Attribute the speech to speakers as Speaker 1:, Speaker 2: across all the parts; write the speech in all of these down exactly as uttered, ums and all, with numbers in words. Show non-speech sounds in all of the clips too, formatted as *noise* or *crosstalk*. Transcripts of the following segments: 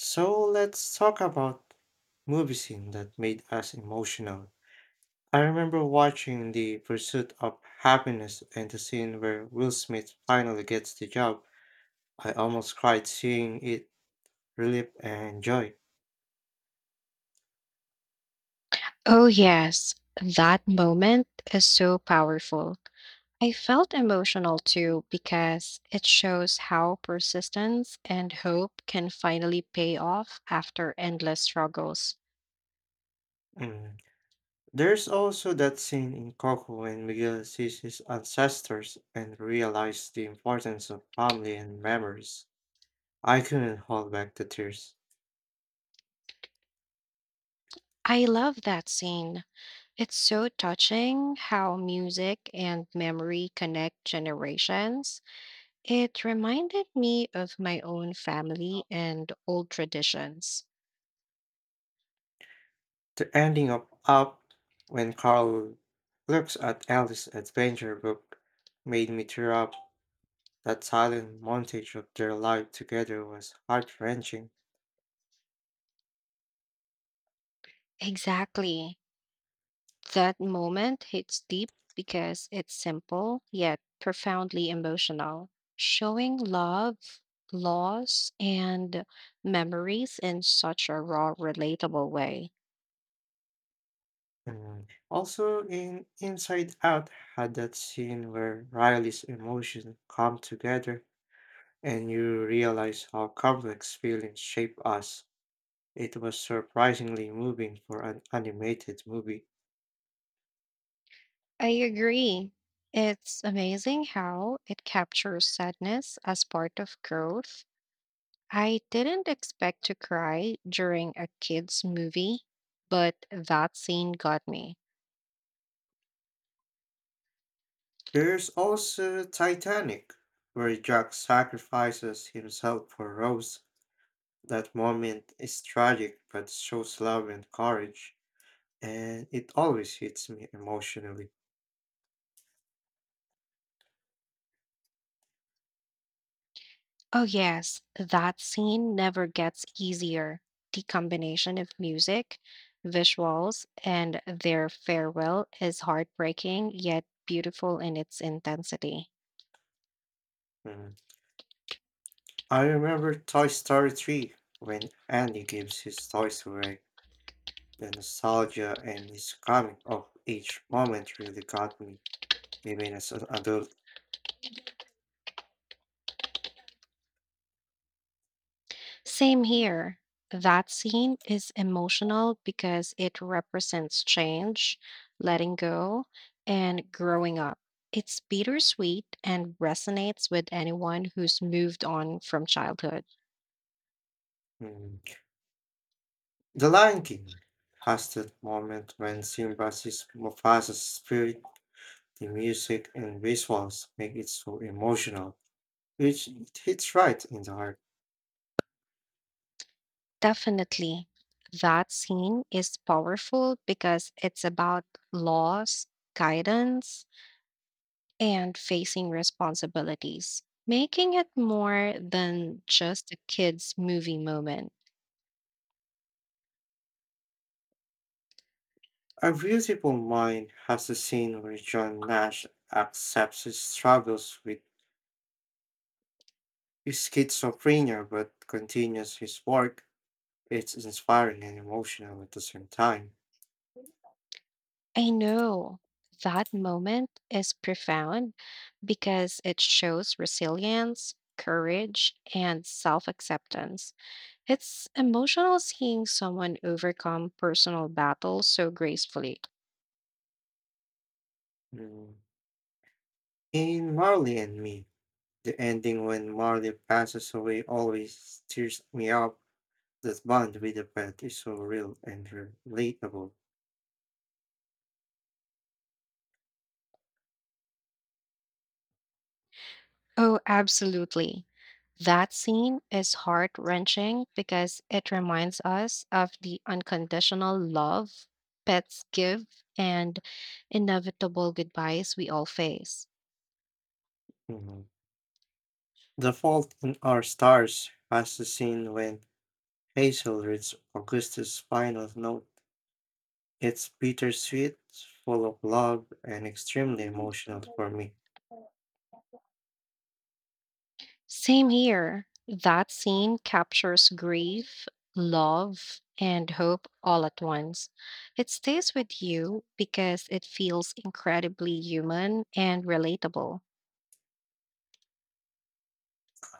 Speaker 1: So let's talk about movie scene that made us emotional. I remember watching The Pursuit of Happiness and the scene where Will Smith finally gets the job. I almost cried seeing it relief and joy.
Speaker 2: Oh, yes. That moment is so powerful. I felt emotional too because it shows how persistence and hope can finally pay off after endless struggles.
Speaker 1: Mm. There's also that scene in Coco when Miguel sees his ancestors and realizes the importance of family and memories. I couldn't hold back the tears.
Speaker 2: I love that scene. It's so touching how music and memory connect generations. It reminded me of my own family and old traditions.
Speaker 1: The ending of Up when Carl looks at Alice's adventure book made me tear up. That silent montage of their life together was heart wrenching.
Speaker 2: Exactly. That moment hits deep because it's simple yet profoundly emotional. Showing love, loss, and memories in such a raw, relatable way.
Speaker 1: And also in Inside Out had that scene where Riley's emotions come together, and you realize how complex feelings shape us. It was surprisingly moving for an animated movie.
Speaker 2: I agree. It's amazing how it captures sadness as part of growth. I didn't expect to cry during a kids' movie, but that scene got me.
Speaker 1: There's also Titanic, where Jack sacrifices himself for Rose. That moment is tragic but shows love and courage, and it always hits me emotionally.
Speaker 2: Oh, yes, that scene never gets easier. The combination of music, visuals, and their farewell is heartbreaking yet beautiful in its intensity.
Speaker 1: Mm. I remember Toy Story three when Andy gives his toys away. The nostalgia and his coming of age moment really got me, even as an adult.
Speaker 2: Same here. That scene is emotional because it represents change, letting go, and growing up. It's bittersweet and resonates with anyone who's moved on from childhood.
Speaker 1: Mm. The Lion King has that moment when Simba sees Mufasa's spirit. The music and visuals make it so emotional, which it hits right in the heart.
Speaker 2: Definitely. That scene is powerful because it's about loss, guidance, and facing responsibilities, making it more than just a kid's movie moment.
Speaker 1: A Beautiful Mind has a scene where John Nash accepts his struggles with schizophrenia but continues his work. It's inspiring and emotional at the same time.
Speaker 2: I know that moment is profound because it shows resilience, courage, and self acceptance. It's emotional seeing someone overcome personal battles so gracefully.
Speaker 1: Mm. In Marley and Me, the ending when Marley passes away always tears me up. That bond with the pet is so real and relatable.
Speaker 2: Oh, absolutely. That scene is heart wrenching because it reminds us of the unconditional love pets give and inevitable goodbyes we all face.
Speaker 1: Mhm. The Fault in Our Stars has the scene when Hazel reads Augustus' final note. It's bittersweet, full of love, and extremely emotional for me.
Speaker 2: Same here. That scene captures grief, love, and hope all at once. It stays with you because it feels incredibly human and relatable.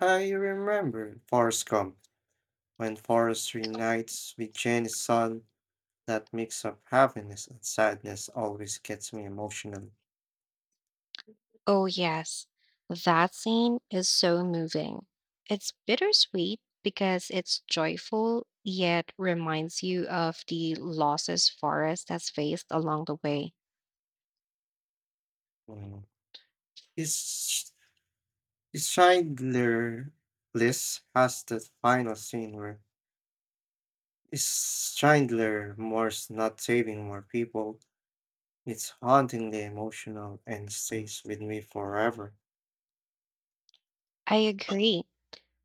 Speaker 1: I remember Forrest Gump when Forrest reunites with Jenny's son. That mix of happiness and sadness always gets me emotional.
Speaker 2: Oh, yes. That scene is so moving. It's bittersweet because it's joyful, yet reminds you of the losses Forrest has faced along the way.
Speaker 1: Mm. It's Schindler List has that final scene where it's Schindler Moore's not saving more people. It's hauntingly emotional and stays with me forever.
Speaker 2: I agree.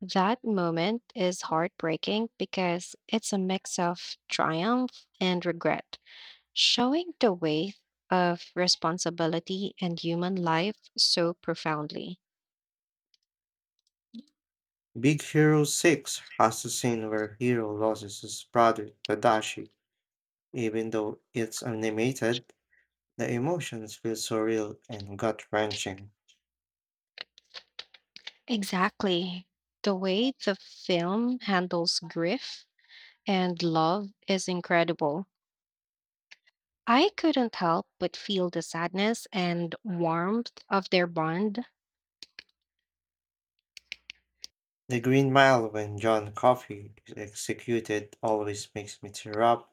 Speaker 2: That moment is heartbreaking because it's a mix of triumph and regret, showing the weight of responsibility and human life so profoundly.
Speaker 1: Big Hero six has a scene where Hero loses his brother Tadashi. Even though it's animated, the emotions feel surreal and gut wrenching.
Speaker 2: Exactly. The way the film handles grief and love is incredible. I couldn't help but feel the sadness and warmth of their bond.
Speaker 1: The Green Mile when John Coffey is executed always makes me tear up.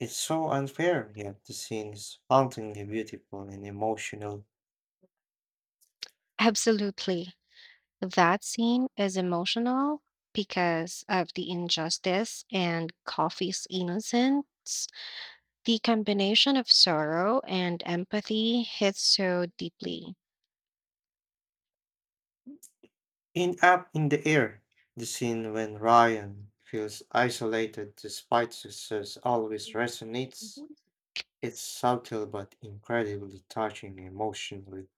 Speaker 1: It's so unfair, yet the scene is hauntingly beautiful and emotional.
Speaker 2: Absolutely. That scene is emotional because of the injustice and Coffee's innocence. The combination of sorrow and empathy hits so deeply.
Speaker 1: In Up in the Air, the scene when Ryan feels isolated despite success always resonates.
Speaker 2: Mhm.
Speaker 1: It's subtle but incredibly touching emotionally.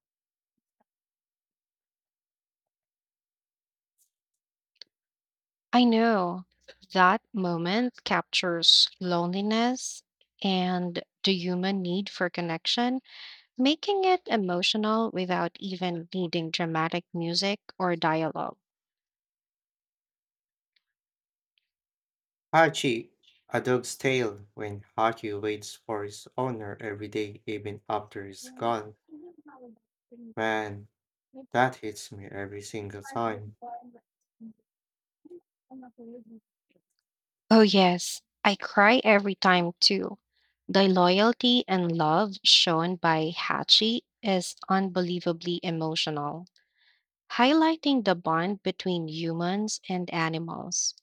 Speaker 2: I know that moment captures loneliness and the human need for connection making it emotional without even needing dramatic music or dialogue.
Speaker 1: Hachi, a dog's tale, when Hachi waits for his owner every day, even after he's gone. Man, that hits me every single time.
Speaker 2: Oh, yes, I cry every time too. The loyalty and love shown by Hachi is unbelievably emotional, highlighting the bond between humans and animals.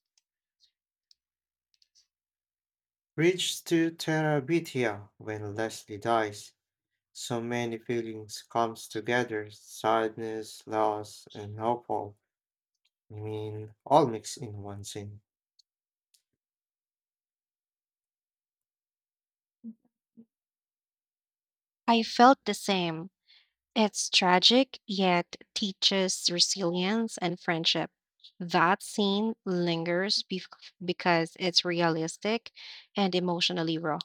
Speaker 1: Reach to Terabithia when Leslie dies. So many feelings comes together, sadness, loss, and hopeful. I mean, all mixed in one scene.
Speaker 2: I felt the same, it's tragic, yet teaches resilience and friendship. That scene lingers bef because it's realistic and emotionally raw.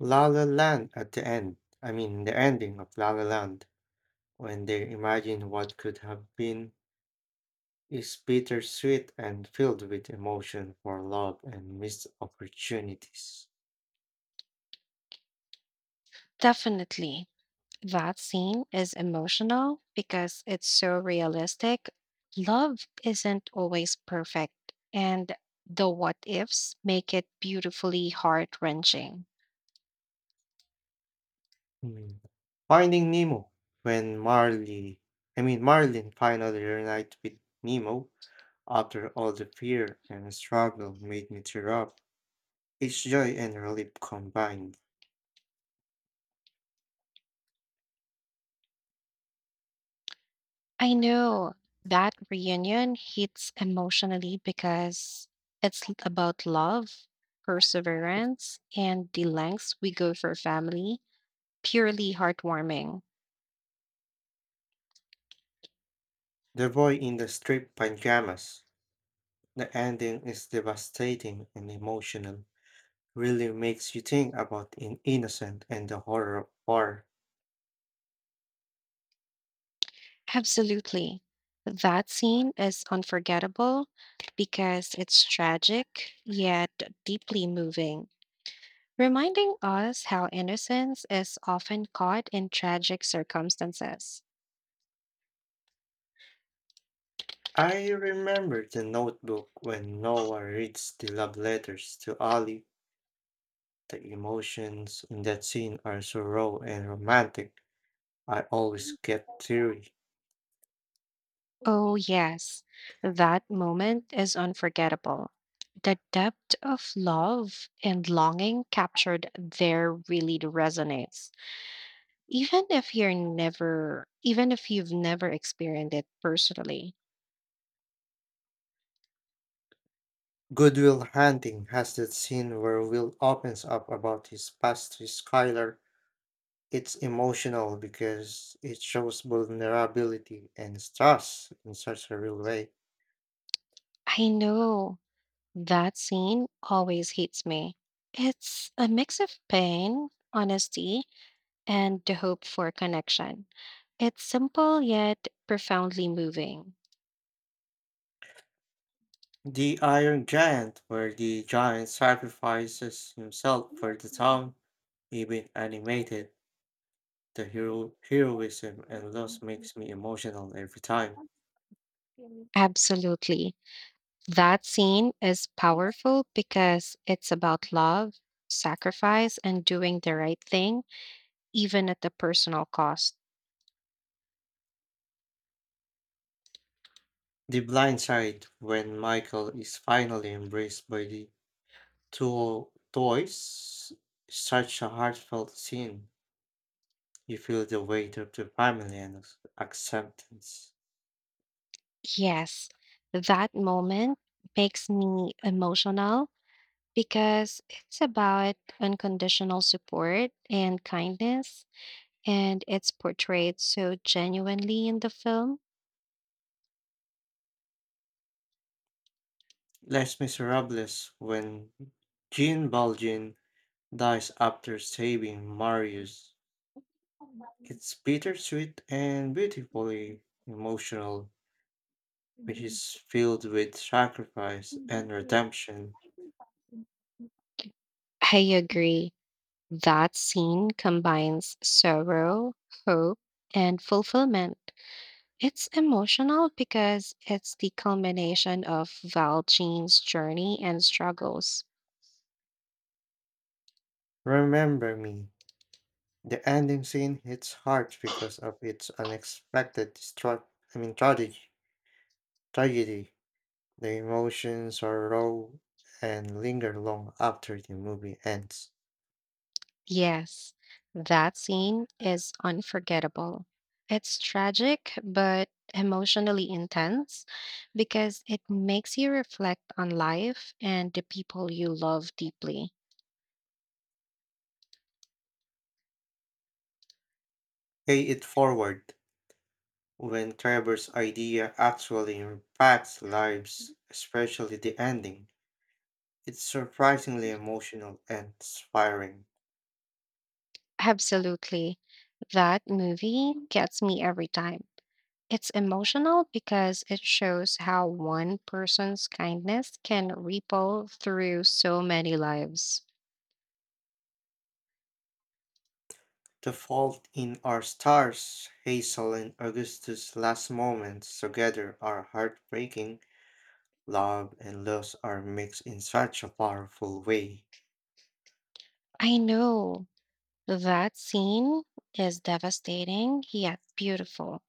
Speaker 1: La La Land at the end. I mean, the ending of La La Land when they imagine what could have been is bittersweet and filled with emotion for love and missed opportunities.
Speaker 2: Definitely, that scene is emotional because it's so realistic. Love isn't always perfect, and the what ifs make it beautifully heart wrenching.
Speaker 1: Mm. Finding Nemo. When Marley, I mean Marlin finally reunited with Nemo after all the fear and struggle made me tear up. It's joy and relief combined.
Speaker 2: I know that reunion hits emotionally because it's l- about love, perseverance, and the lengths we go for family. Purely heartwarming.
Speaker 1: The boy in the striped pajamas. The ending is devastating and emotional, really makes you think about in innocent and the horror of war.
Speaker 2: Absolutely. That scene is unforgettable because it's tragic yet deeply moving, reminding us how innocence is often caught in tragic circumstances.
Speaker 1: I remember the notebook when Noah reads the love letters to Ali. The emotions in that scene are so raw and romantic. I always get teary.
Speaker 2: Oh, yes, that moment is unforgettable. The depth of love and longing captured there really resonates, even if you're never, even if you've never experienced it personally.
Speaker 1: Goodwill Hunting has that scene where Will opens up about his past with Skylar. It's emotional because it shows vulnerability and stress in such a real way.
Speaker 2: I know that scene always hits me. It's a mix of pain, honesty, and the hope for connection. It's simple yet profoundly moving.
Speaker 1: The Iron Giant, where the giant sacrifices himself for the town, even animated, the hero heroism and loss makes me emotional every time.
Speaker 2: Absolutely. That scene is powerful because it's about love, sacrifice, and doing the right thing, even at the personal cost.
Speaker 1: The Blind Side, when Michael is finally embraced by the two toys, such a heartfelt scene. You feel the weight of the family and ac- acceptance.
Speaker 2: Yes, that moment makes me emotional because it's about unconditional support and kindness, and it's portrayed so genuinely in the film.
Speaker 1: Les Miserables, when Jean Valjean dies after saving Marius. It's bittersweet and beautifully emotional, which is filled with sacrifice and redemption.
Speaker 2: I agree. That scene combines sorrow, hope, and fulfillment. It's emotional because it's the culmination of Valjean's journey and struggles.
Speaker 1: Remember me. The ending scene hits hard because of its unexpected destruct. I mean tragedy. Tragedy. The emotions are raw and linger long after the movie ends.
Speaker 2: Yes, that scene is unforgettable. It's tragic but emotionally intense because it makes you reflect on life and the people you love deeply.
Speaker 1: Pay it forward when Trevor's idea actually impacts lives, especially the ending. It's surprisingly emotional and inspiring.
Speaker 2: Absolutely. That movie gets me every time. It's emotional because it shows how one person's kindness can ripple through so many lives.
Speaker 1: The fault in our stars, Hazel and Augustus' last moments together are heartbreaking. Love and loss are mixed in such a powerful way.
Speaker 2: I know that scene is devastating yet beautiful.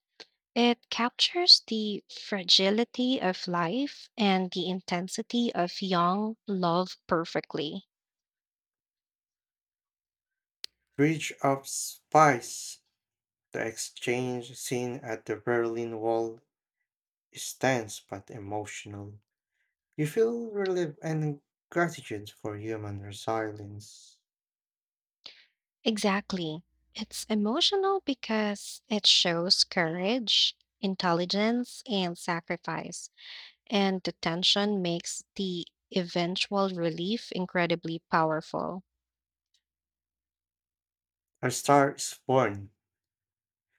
Speaker 2: It captures the fragility of life and the intensity of young love perfectly.
Speaker 1: Bridge of Spies, the exchange scene at the Berlin Wall is tense but emotional. You feel relief and gratitude for human resilience.
Speaker 2: Exactly. It's emotional because it shows courage, intelligence, and sacrifice, and the tension makes the eventual relief incredibly powerful.
Speaker 1: A Star is Born,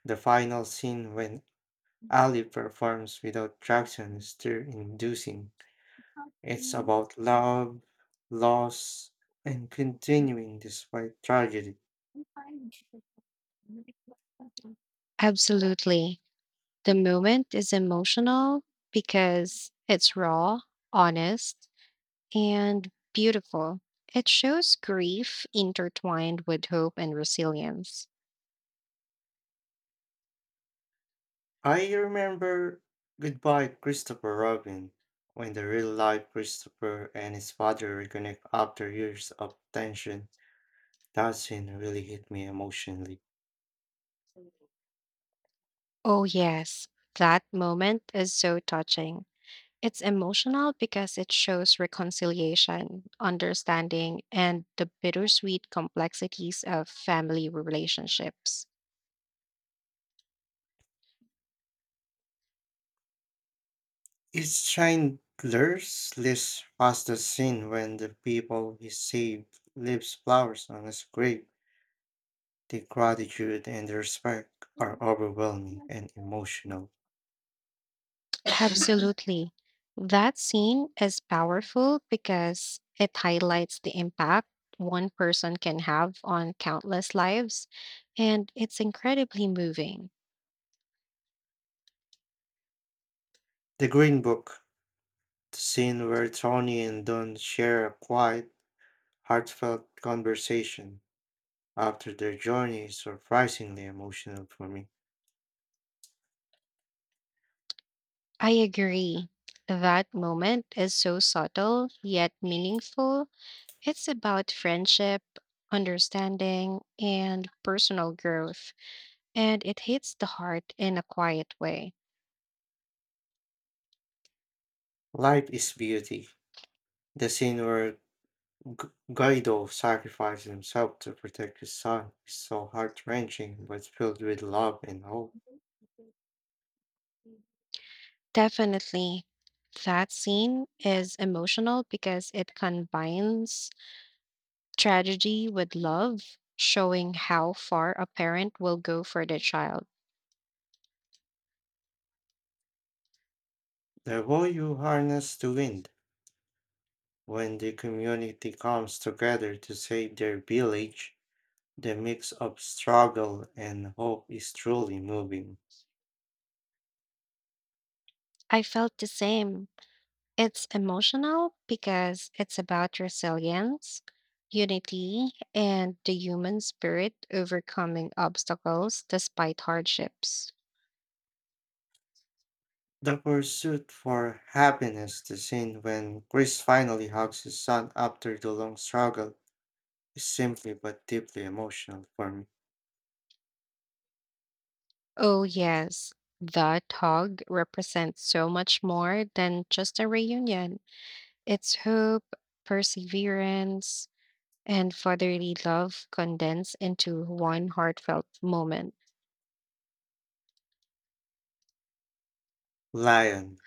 Speaker 1: the final scene when Ali performs without traction, stir inducing. It's about love, loss, and continuing despite tragedy.
Speaker 2: Absolutely. The moment is emotional because it's raw, honest, and beautiful. It shows grief intertwined with hope and resilience.
Speaker 1: I remember Goodbye Christopher Robin when the real life Christopher and his father reconnect after years of tension. That scene really hit me emotionally.
Speaker 2: Oh, yes, that moment is so touching. It's emotional because it shows reconciliation, understanding, and the bittersweet complexities of family relationships.
Speaker 1: It's Chandler's list was the scene when the people he saved leaves flowers on his grave. The gratitude and respect are overwhelming and emotional.
Speaker 2: *laughs* Absolutely. That scene is powerful because it highlights the impact one person can have on countless lives, and it's incredibly moving.
Speaker 1: The Green Book, the scene where Tony and Don share a quiet, heartfelt conversation after their journey, is surprisingly emotional for me.
Speaker 2: I agree. That moment is so subtle yet meaningful. It's about friendship, understanding, and personal growth, and it hits the heart in a quiet way.
Speaker 1: Life is beauty. The scene where G- Guido sacrifices himself to protect his son is so heart wrenching but filled with love and hope.
Speaker 2: Definitely, that scene is emotional because it combines tragedy with love, showing how far a parent will go for their child.
Speaker 1: The way you harness the wind when the community comes together to save their village. The mix of struggle and hope is truly moving.
Speaker 2: I felt the same. It's emotional because it's about resilience, unity, and the human spirit overcoming obstacles despite hardships.
Speaker 1: The pursuit for happiness, the scene when Chris finally hugs his son after the long struggle, is simply but deeply emotional for me.
Speaker 2: Oh, yes, the Tog represents so much more than just a reunion. It's hope, perseverance, and fatherly love condensed into one heartfelt moment.
Speaker 1: Lion.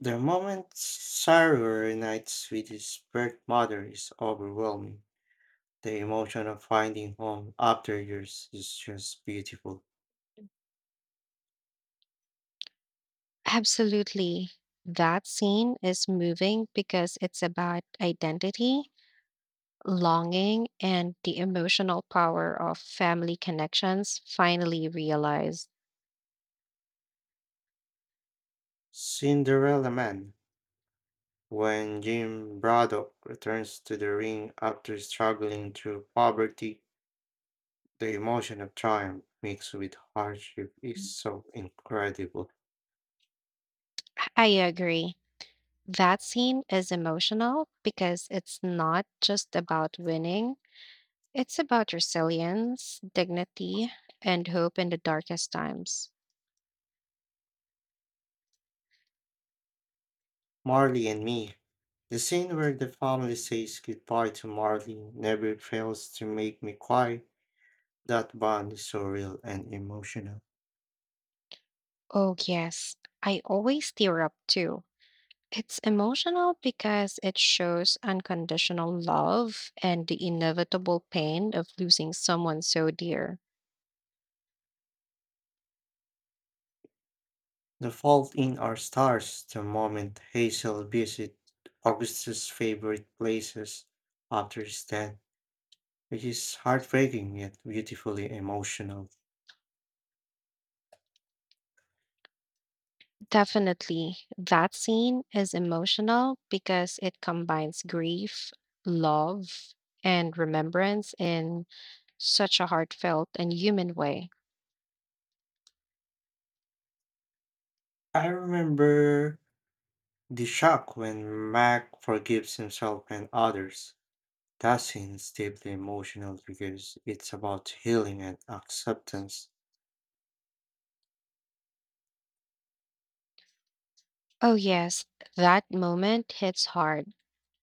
Speaker 1: The moment Saru reunites with his birth mother is overwhelming. The emotion of finding home after years is just beautiful.
Speaker 2: Absolutely. That scene is moving because it's about identity longing and the emotional power of family connections finally realized.
Speaker 1: Cinderella Man. When Jim Braddock returns to the ring after struggling through poverty, the emotion of triumph mixed with hardship is so incredible.
Speaker 2: I agree. That scene is emotional because it's not just about winning, it's about resilience, dignity, and hope in the darkest times.
Speaker 1: Marley and me. The scene where the family says goodbye to Marley never fails to make me cry. That bond is so real and emotional.
Speaker 2: Oh, yes, I always tear up too. It's emotional because it shows unconditional love and the inevitable pain of losing someone so dear.
Speaker 1: The Fault in Our Stars, the moment Hazel visits Augustus' favorite places after his death, which is heartbreaking yet beautifully emotional.
Speaker 2: Definitely. That scene is emotional because it combines grief, love, and remembrance in such a heartfelt and human way.
Speaker 1: I remember the shock when Mac forgives himself and others. That scene's deeply emotional because it's about healing and acceptance.
Speaker 2: Oh, yes, that moment hits hard.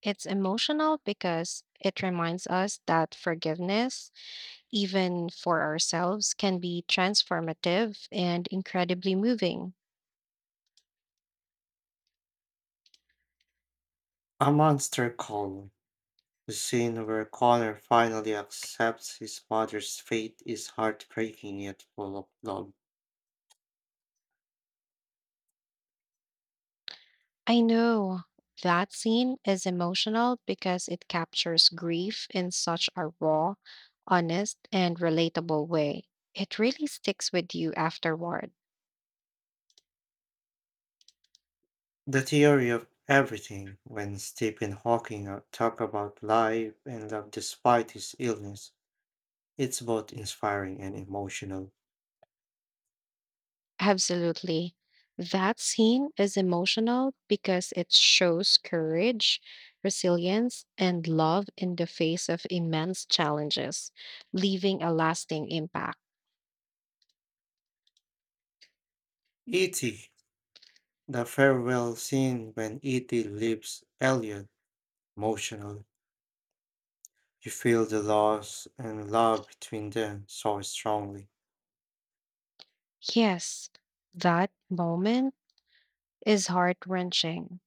Speaker 2: It's emotional because it reminds us that forgiveness, even for ourselves, can be transformative and incredibly moving.
Speaker 1: A monster call. The scene where Connor finally accepts his mother's fate is heartbreaking yet full of love.
Speaker 2: I know that scene is emotional because it captures grief in such a raw, honest, and relatable way. It really sticks with you afterward.
Speaker 1: The theory of everything when Stephen Hawking uh, talked about life and love despite his illness. It's both inspiring and emotional.
Speaker 2: Absolutely. That scene is emotional because it shows courage, resilience, and love in the face of immense challenges, leaving a lasting impact.
Speaker 1: E T. The farewell scene when E T leaves Elliot emotional. You feel the loss and love between them so strongly.
Speaker 2: Yes, that moment is heart wrenching.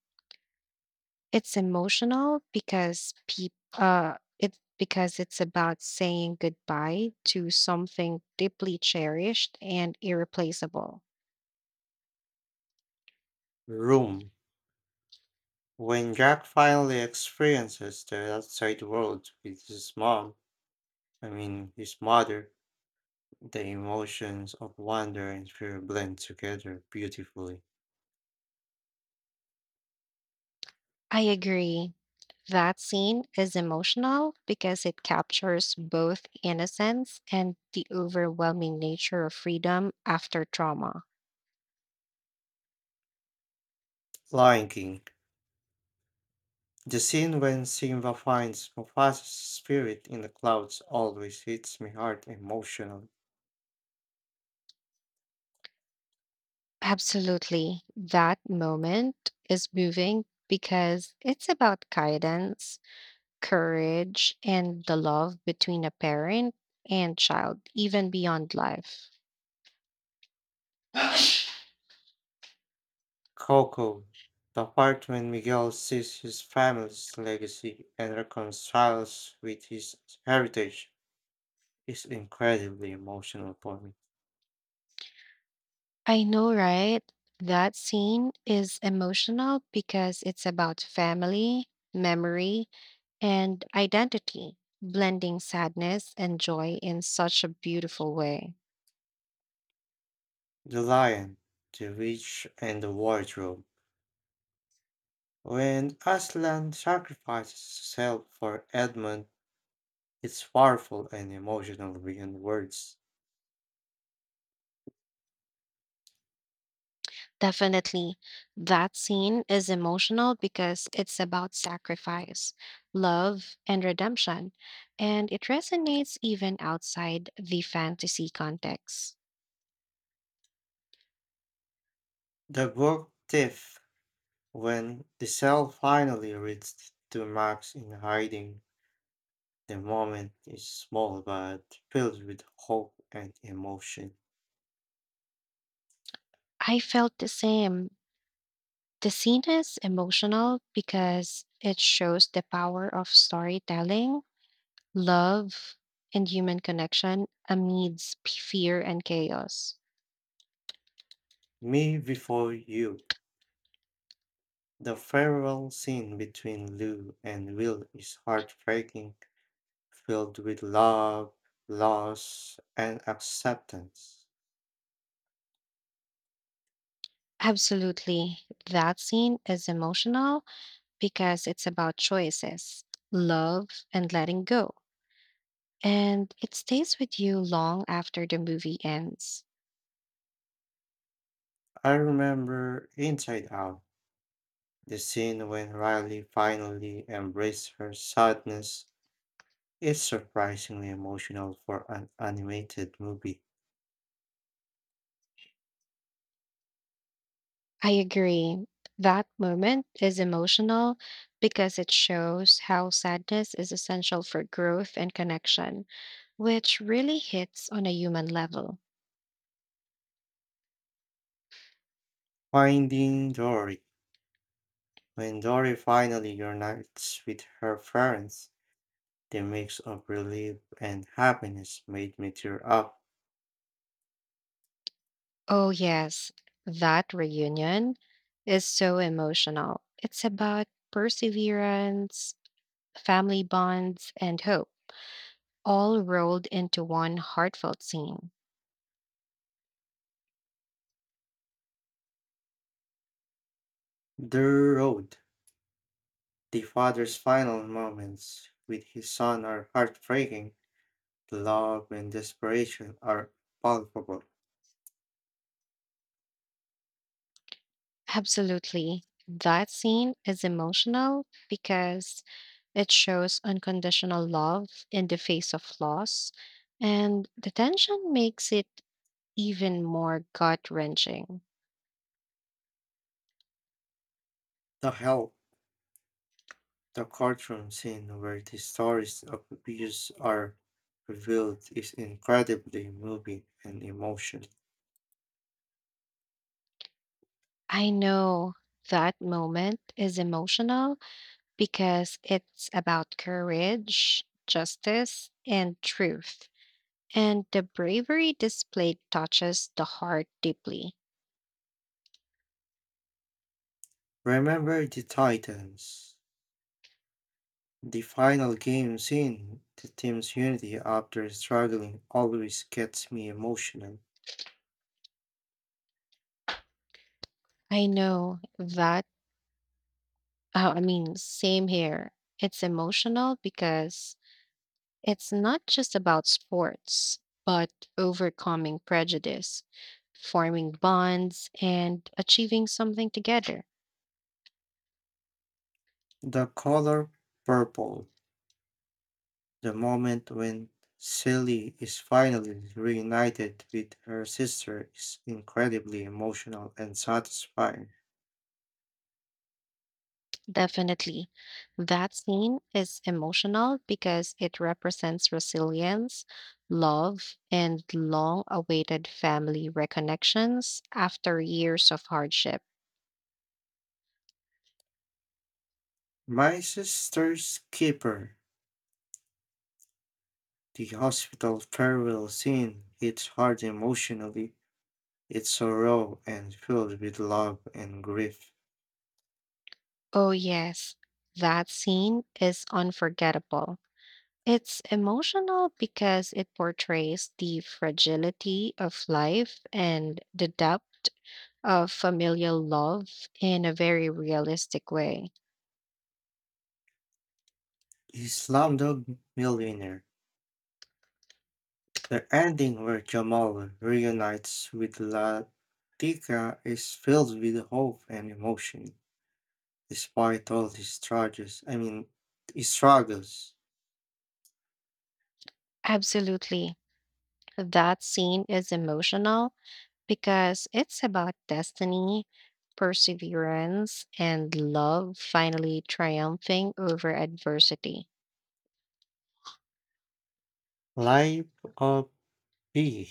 Speaker 2: It's emotional because peop uh, it because it's about saying goodbye to something deeply cherished and irreplaceable.
Speaker 1: Room. When Jack finally experiences the outside world with his mom, I mean his mother, the emotions of wonder and fear blend together beautifully.
Speaker 2: I agree. That scene is emotional because it captures both innocence and the overwhelming nature of freedom after trauma.
Speaker 1: Lion King. The scene when Simba finds Mufasa's spirit in the clouds always hits me hard emotionally.
Speaker 2: Absolutely. That moment is moving because it's about guidance, courage, and the love between a parent and child, even beyond life. *sighs*
Speaker 1: Coco, the part when Miguel sees his family's legacy and reconciles with his heritage, is incredibly emotional for me.
Speaker 2: I know, right? That scene is emotional because it's about family, memory, and identity, blending sadness and joy in such a beautiful way.
Speaker 1: The lion, the witch, and the wardrobe. When Aslan sacrifices himself for Edmund, it's powerful and emotional beyond words.
Speaker 2: Definitely. That scene is emotional because it's about sacrifice, love, and redemption, and it resonates even outside the fantasy context.
Speaker 1: The book Thief. When the cell finally reached to Max in hiding, the moment is small but filled with hope and emotion.
Speaker 2: I felt the same. The scene is emotional because it shows the power of storytelling, love, and human connection amidst p- fear and chaos.
Speaker 1: Me before you. The farewell scene between Lou and Will is heartbreaking, filled with love, loss, and acceptance.
Speaker 2: Absolutely. That scene is emotional because it's about choices, love, and letting go. And it stays with you long after the movie ends.
Speaker 1: I remember Inside Out, the scene when Riley finally embraced her sadness. It's surprisingly emotional for an animated movie.
Speaker 2: I agree. That moment is emotional because it shows how sadness is essential for growth and connection, which really hits on a human level.
Speaker 1: Finding Dory. When Dory finally unites with her parents, the mix of relief and happiness made me tear up.
Speaker 2: Oh, yes, that reunion is so emotional. It's about perseverance, family bonds, and hope, all rolled into one heartfelt scene.
Speaker 1: The Road. The father's final moments with his son are heartbreaking. The love and desperation are palpable.
Speaker 2: Absolutely. That scene is emotional because it shows unconditional love in the face of loss, and the tension makes it even more gut wrenching.
Speaker 1: The Help. The courtroom scene where the stories of abuse are revealed is incredibly moving and emotional.
Speaker 2: I know that moment is emotional because it's about courage, justice, and truth. And the bravery displayed touches the heart deeply.
Speaker 1: Remember the Titans. The final game scene, the team's unity after struggling always gets me emotional.
Speaker 2: I know that. Oh, I mean, Same here. It's emotional because it's not just about sports, but overcoming prejudice, forming bonds, and achieving something together.
Speaker 1: The color purple, the moment when Sally is finally reunited with her sister is incredibly emotional and satisfying.
Speaker 2: Definitely. That scene is emotional because it represents resilience, love, and long awaited family reconnections after years of hardship.
Speaker 1: My sister's keeper. The hospital farewell scene hits hard emotionally. It's so raw and filled with love and grief.
Speaker 2: Oh, yes. That scene is unforgettable. It's emotional because it portrays the fragility of life and the depth of familial love in a very realistic way.
Speaker 1: The Slumdog Millionaire. The ending where Jamal reunites with Latika is filled with hope and emotion, despite all his struggles. I mean, his struggles.
Speaker 2: Absolutely. That scene is emotional because it's about destiny, perseverance, and love finally triumphing over adversity.
Speaker 1: Life of Pi.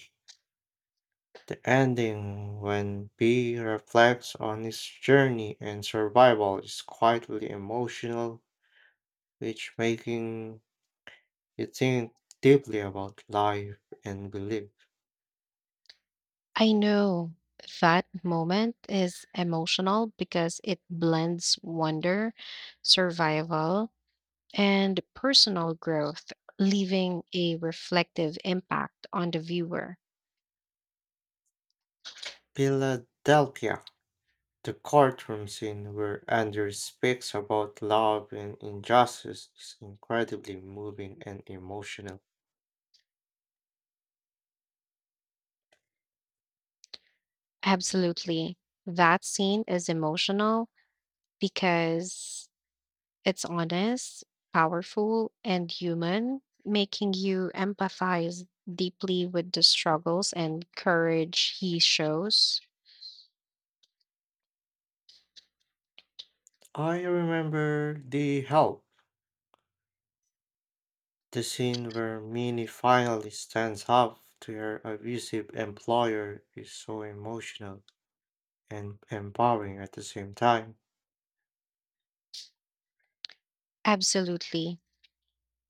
Speaker 1: The ending, when B reflects on his journey and survival, is quietly emotional, which making you think deeply about life and belief.
Speaker 2: I know that moment is emotional because it blends wonder, survival, and personal growth, leaving a reflective impact on the viewer.
Speaker 1: Philadelphia, the courtroom scene where Andrew speaks about love and injustice, is incredibly moving and emotional.
Speaker 2: Absolutely. That scene is emotional because it's honest, powerful, and human, making you empathize deeply with the struggles and courage he shows.
Speaker 1: I remember the help. The scene where Minnie finally stands up to her abusive employer is so emotional and empowering at the same time.
Speaker 2: Absolutely.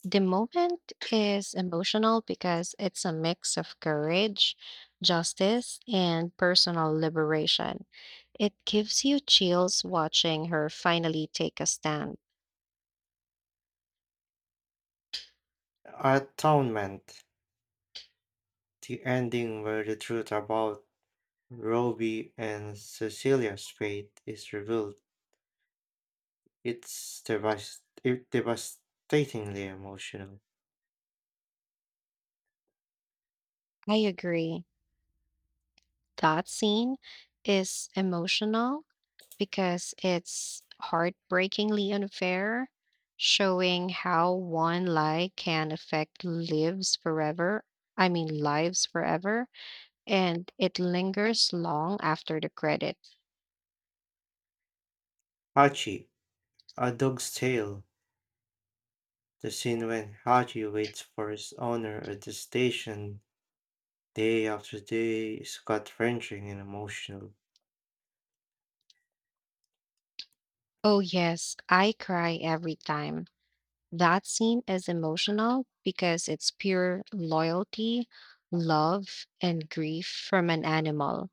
Speaker 2: The moment is emotional because it's a mix of courage, justice, and personal liberation. It gives you chills watching her finally take a stand.
Speaker 1: Atonement, the ending where the truth about Roby and Cecilia's fate is revealed, it's devast- it devastatingly emotional.
Speaker 2: I agree. That scene is emotional because it's heartbreakingly unfair, showing how one lie can affect lives forever. I mean, lives forever, and it lingers long after the credits.
Speaker 1: Hachi, A Dog's Tale, the scene when Hachi waits for his owner at the station day after day is gut wrenching and emotional.
Speaker 2: Oh, yes, I cry every time. That scene is emotional because it's pure loyalty, love, and grief from an animal,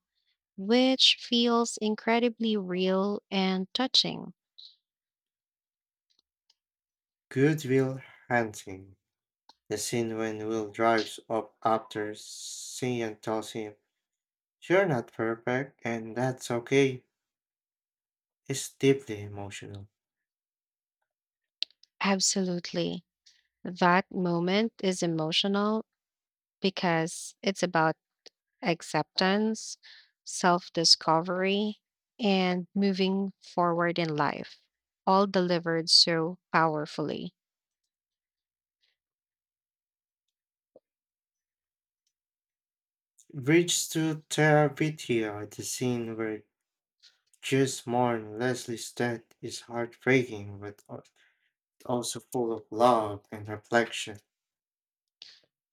Speaker 2: which feels incredibly real and touching.
Speaker 1: Goodwill hunting. The scene when Will drives up after seeing and tells him, "You're not perfect, and that's okay," is deeply emotional.
Speaker 2: Absolutely. That moment is emotional because it's about acceptance, self discovery, and moving forward in life, all delivered so powerfully.
Speaker 1: Bridge to Terabithia, the scene where Jess mourn Leslie's death is heartbreaking but al- also full of love and reflection.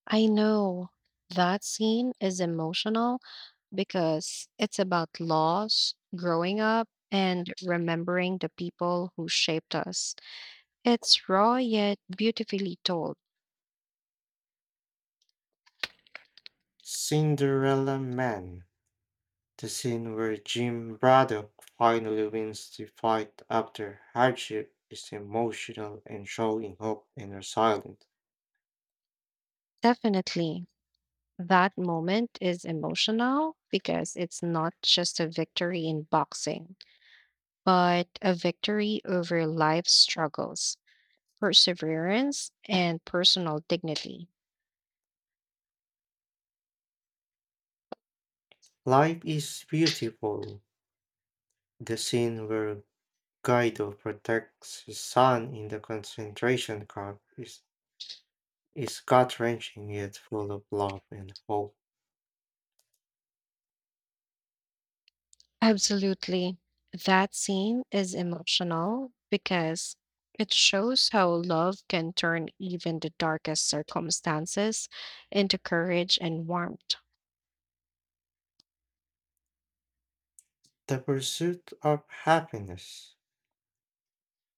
Speaker 2: I know that scene is emotional because it's about loss, growing up, and remembering the people who shaped us. It's raw yet beautifully told.
Speaker 1: Cinderella Man. The scene where Jim Braddock finally wins the fight after hardship is emotional and showing hope and resilience.
Speaker 2: Definitely, that moment is emotional because it's not just a victory in boxing, but a victory over life's struggles, perseverance, and personal dignity.
Speaker 1: Life is beautiful. The scene where Guido protects his son in the concentration camp is, is gut wrenching yet full of love and hope.
Speaker 2: Absolutely. That scene is emotional because it shows how love can turn even the darkest circumstances into courage and warmth.
Speaker 1: The pursuit of happiness.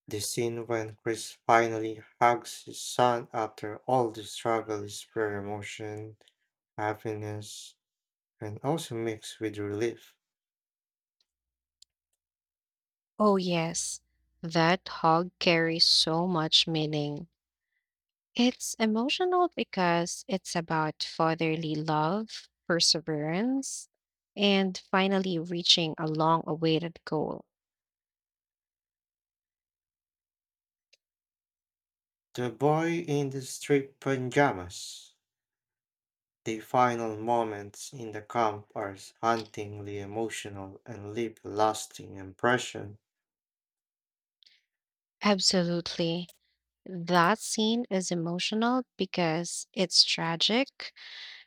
Speaker 1: The scene when Chris finally hugs his son after all the struggle is pure emotion, happiness, and also mixed with relief.
Speaker 2: Oh, yes, that hug carries so much meaning. It's emotional because it's about fatherly love, perseverance, and finally reaching a long awaited goal.
Speaker 1: The boy in the striped pajamas. The final moments in the camp are hauntingly emotional and leave a lasting impression.
Speaker 2: Absolutely. That scene is emotional because it's tragic,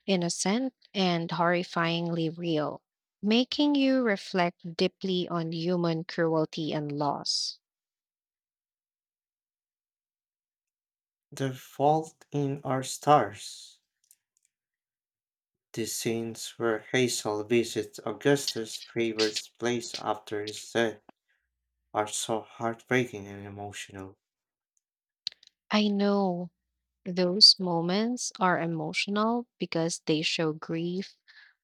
Speaker 2: innocent, and horrifyingly real, making you reflect deeply on human cruelty and loss.
Speaker 1: The Fault in Our Stars. The scenes where Hazel visits Augustus' favorite place after his death are so heartbreaking and emotional.
Speaker 2: I know those moments are emotional because they show grief,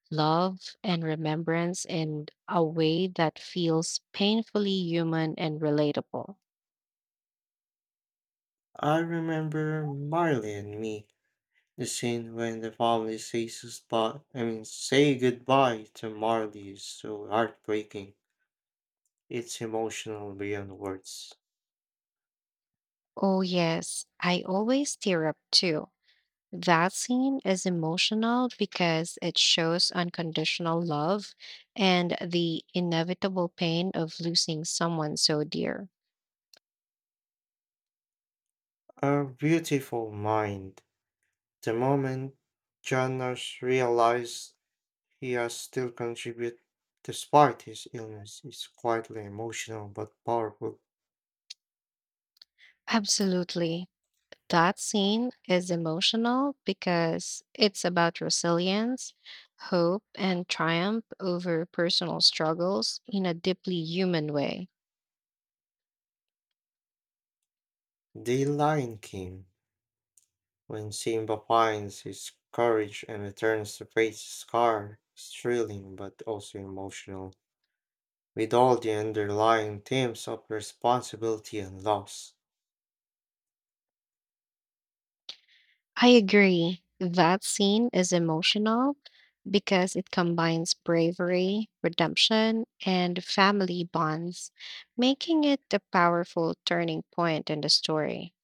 Speaker 2: love, and remembrance in a way that feels painfully human and relatable.
Speaker 1: I remember Marley and me. The scene when the family says spot, I mean, say goodbye to Marley is so heartbreaking. It's emotional beyond words.
Speaker 2: Oh, yes, I always tear up too. That scene is emotional because it shows unconditional love and the inevitable pain of losing someone so dear.
Speaker 1: A beautiful mind. The moment Janos realized he has still contributed despite his illness is quietly emotional but powerful.
Speaker 2: Absolutely. That scene is emotional because it's about resilience, hope, and triumph over personal struggles in a deeply human way.
Speaker 1: The Lion King. When Simba finds his courage and returns to face his scar, is thrilling but also emotional, with all the underlying themes of responsibility and loss.
Speaker 2: I agree. That scene is emotional because it combines bravery, redemption, and family bonds, making it a powerful turning point in the story.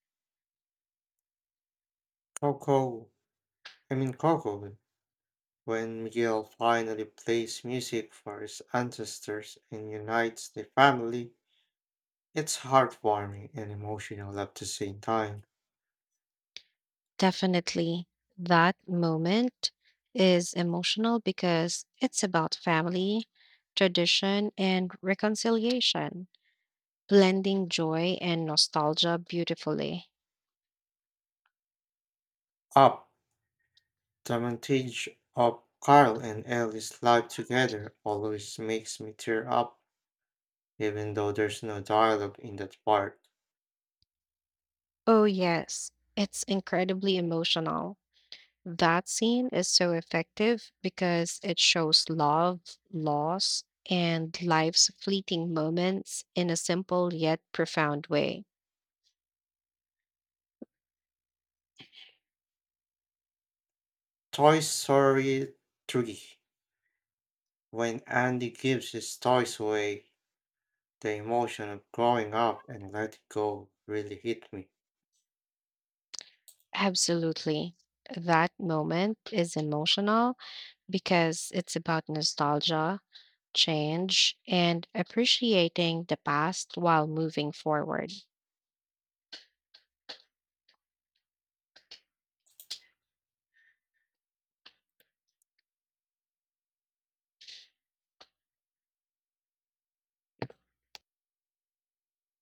Speaker 1: Coco, I mean Coco, when Miguel finally plays music for his ancestors and unites the family, it's heartwarming and emotional at the same time.
Speaker 2: Definitely, that moment is emotional because it's about family, tradition, and reconciliation, blending joy and nostalgia beautifully.
Speaker 1: Up, the montage of Carl and Ellie's life together always makes me tear up, even though there's no dialogue in that part.
Speaker 2: Oh, yes, it's incredibly emotional. That scene is so effective because it shows love, loss, and life's fleeting moments in a simple yet profound way.
Speaker 1: Toy Story three when Andy gives his toys away. The emotion of growing up and letting go really hit me.
Speaker 2: Absolutely. That moment is emotional because it's about nostalgia, change, and appreciating the past while moving forward.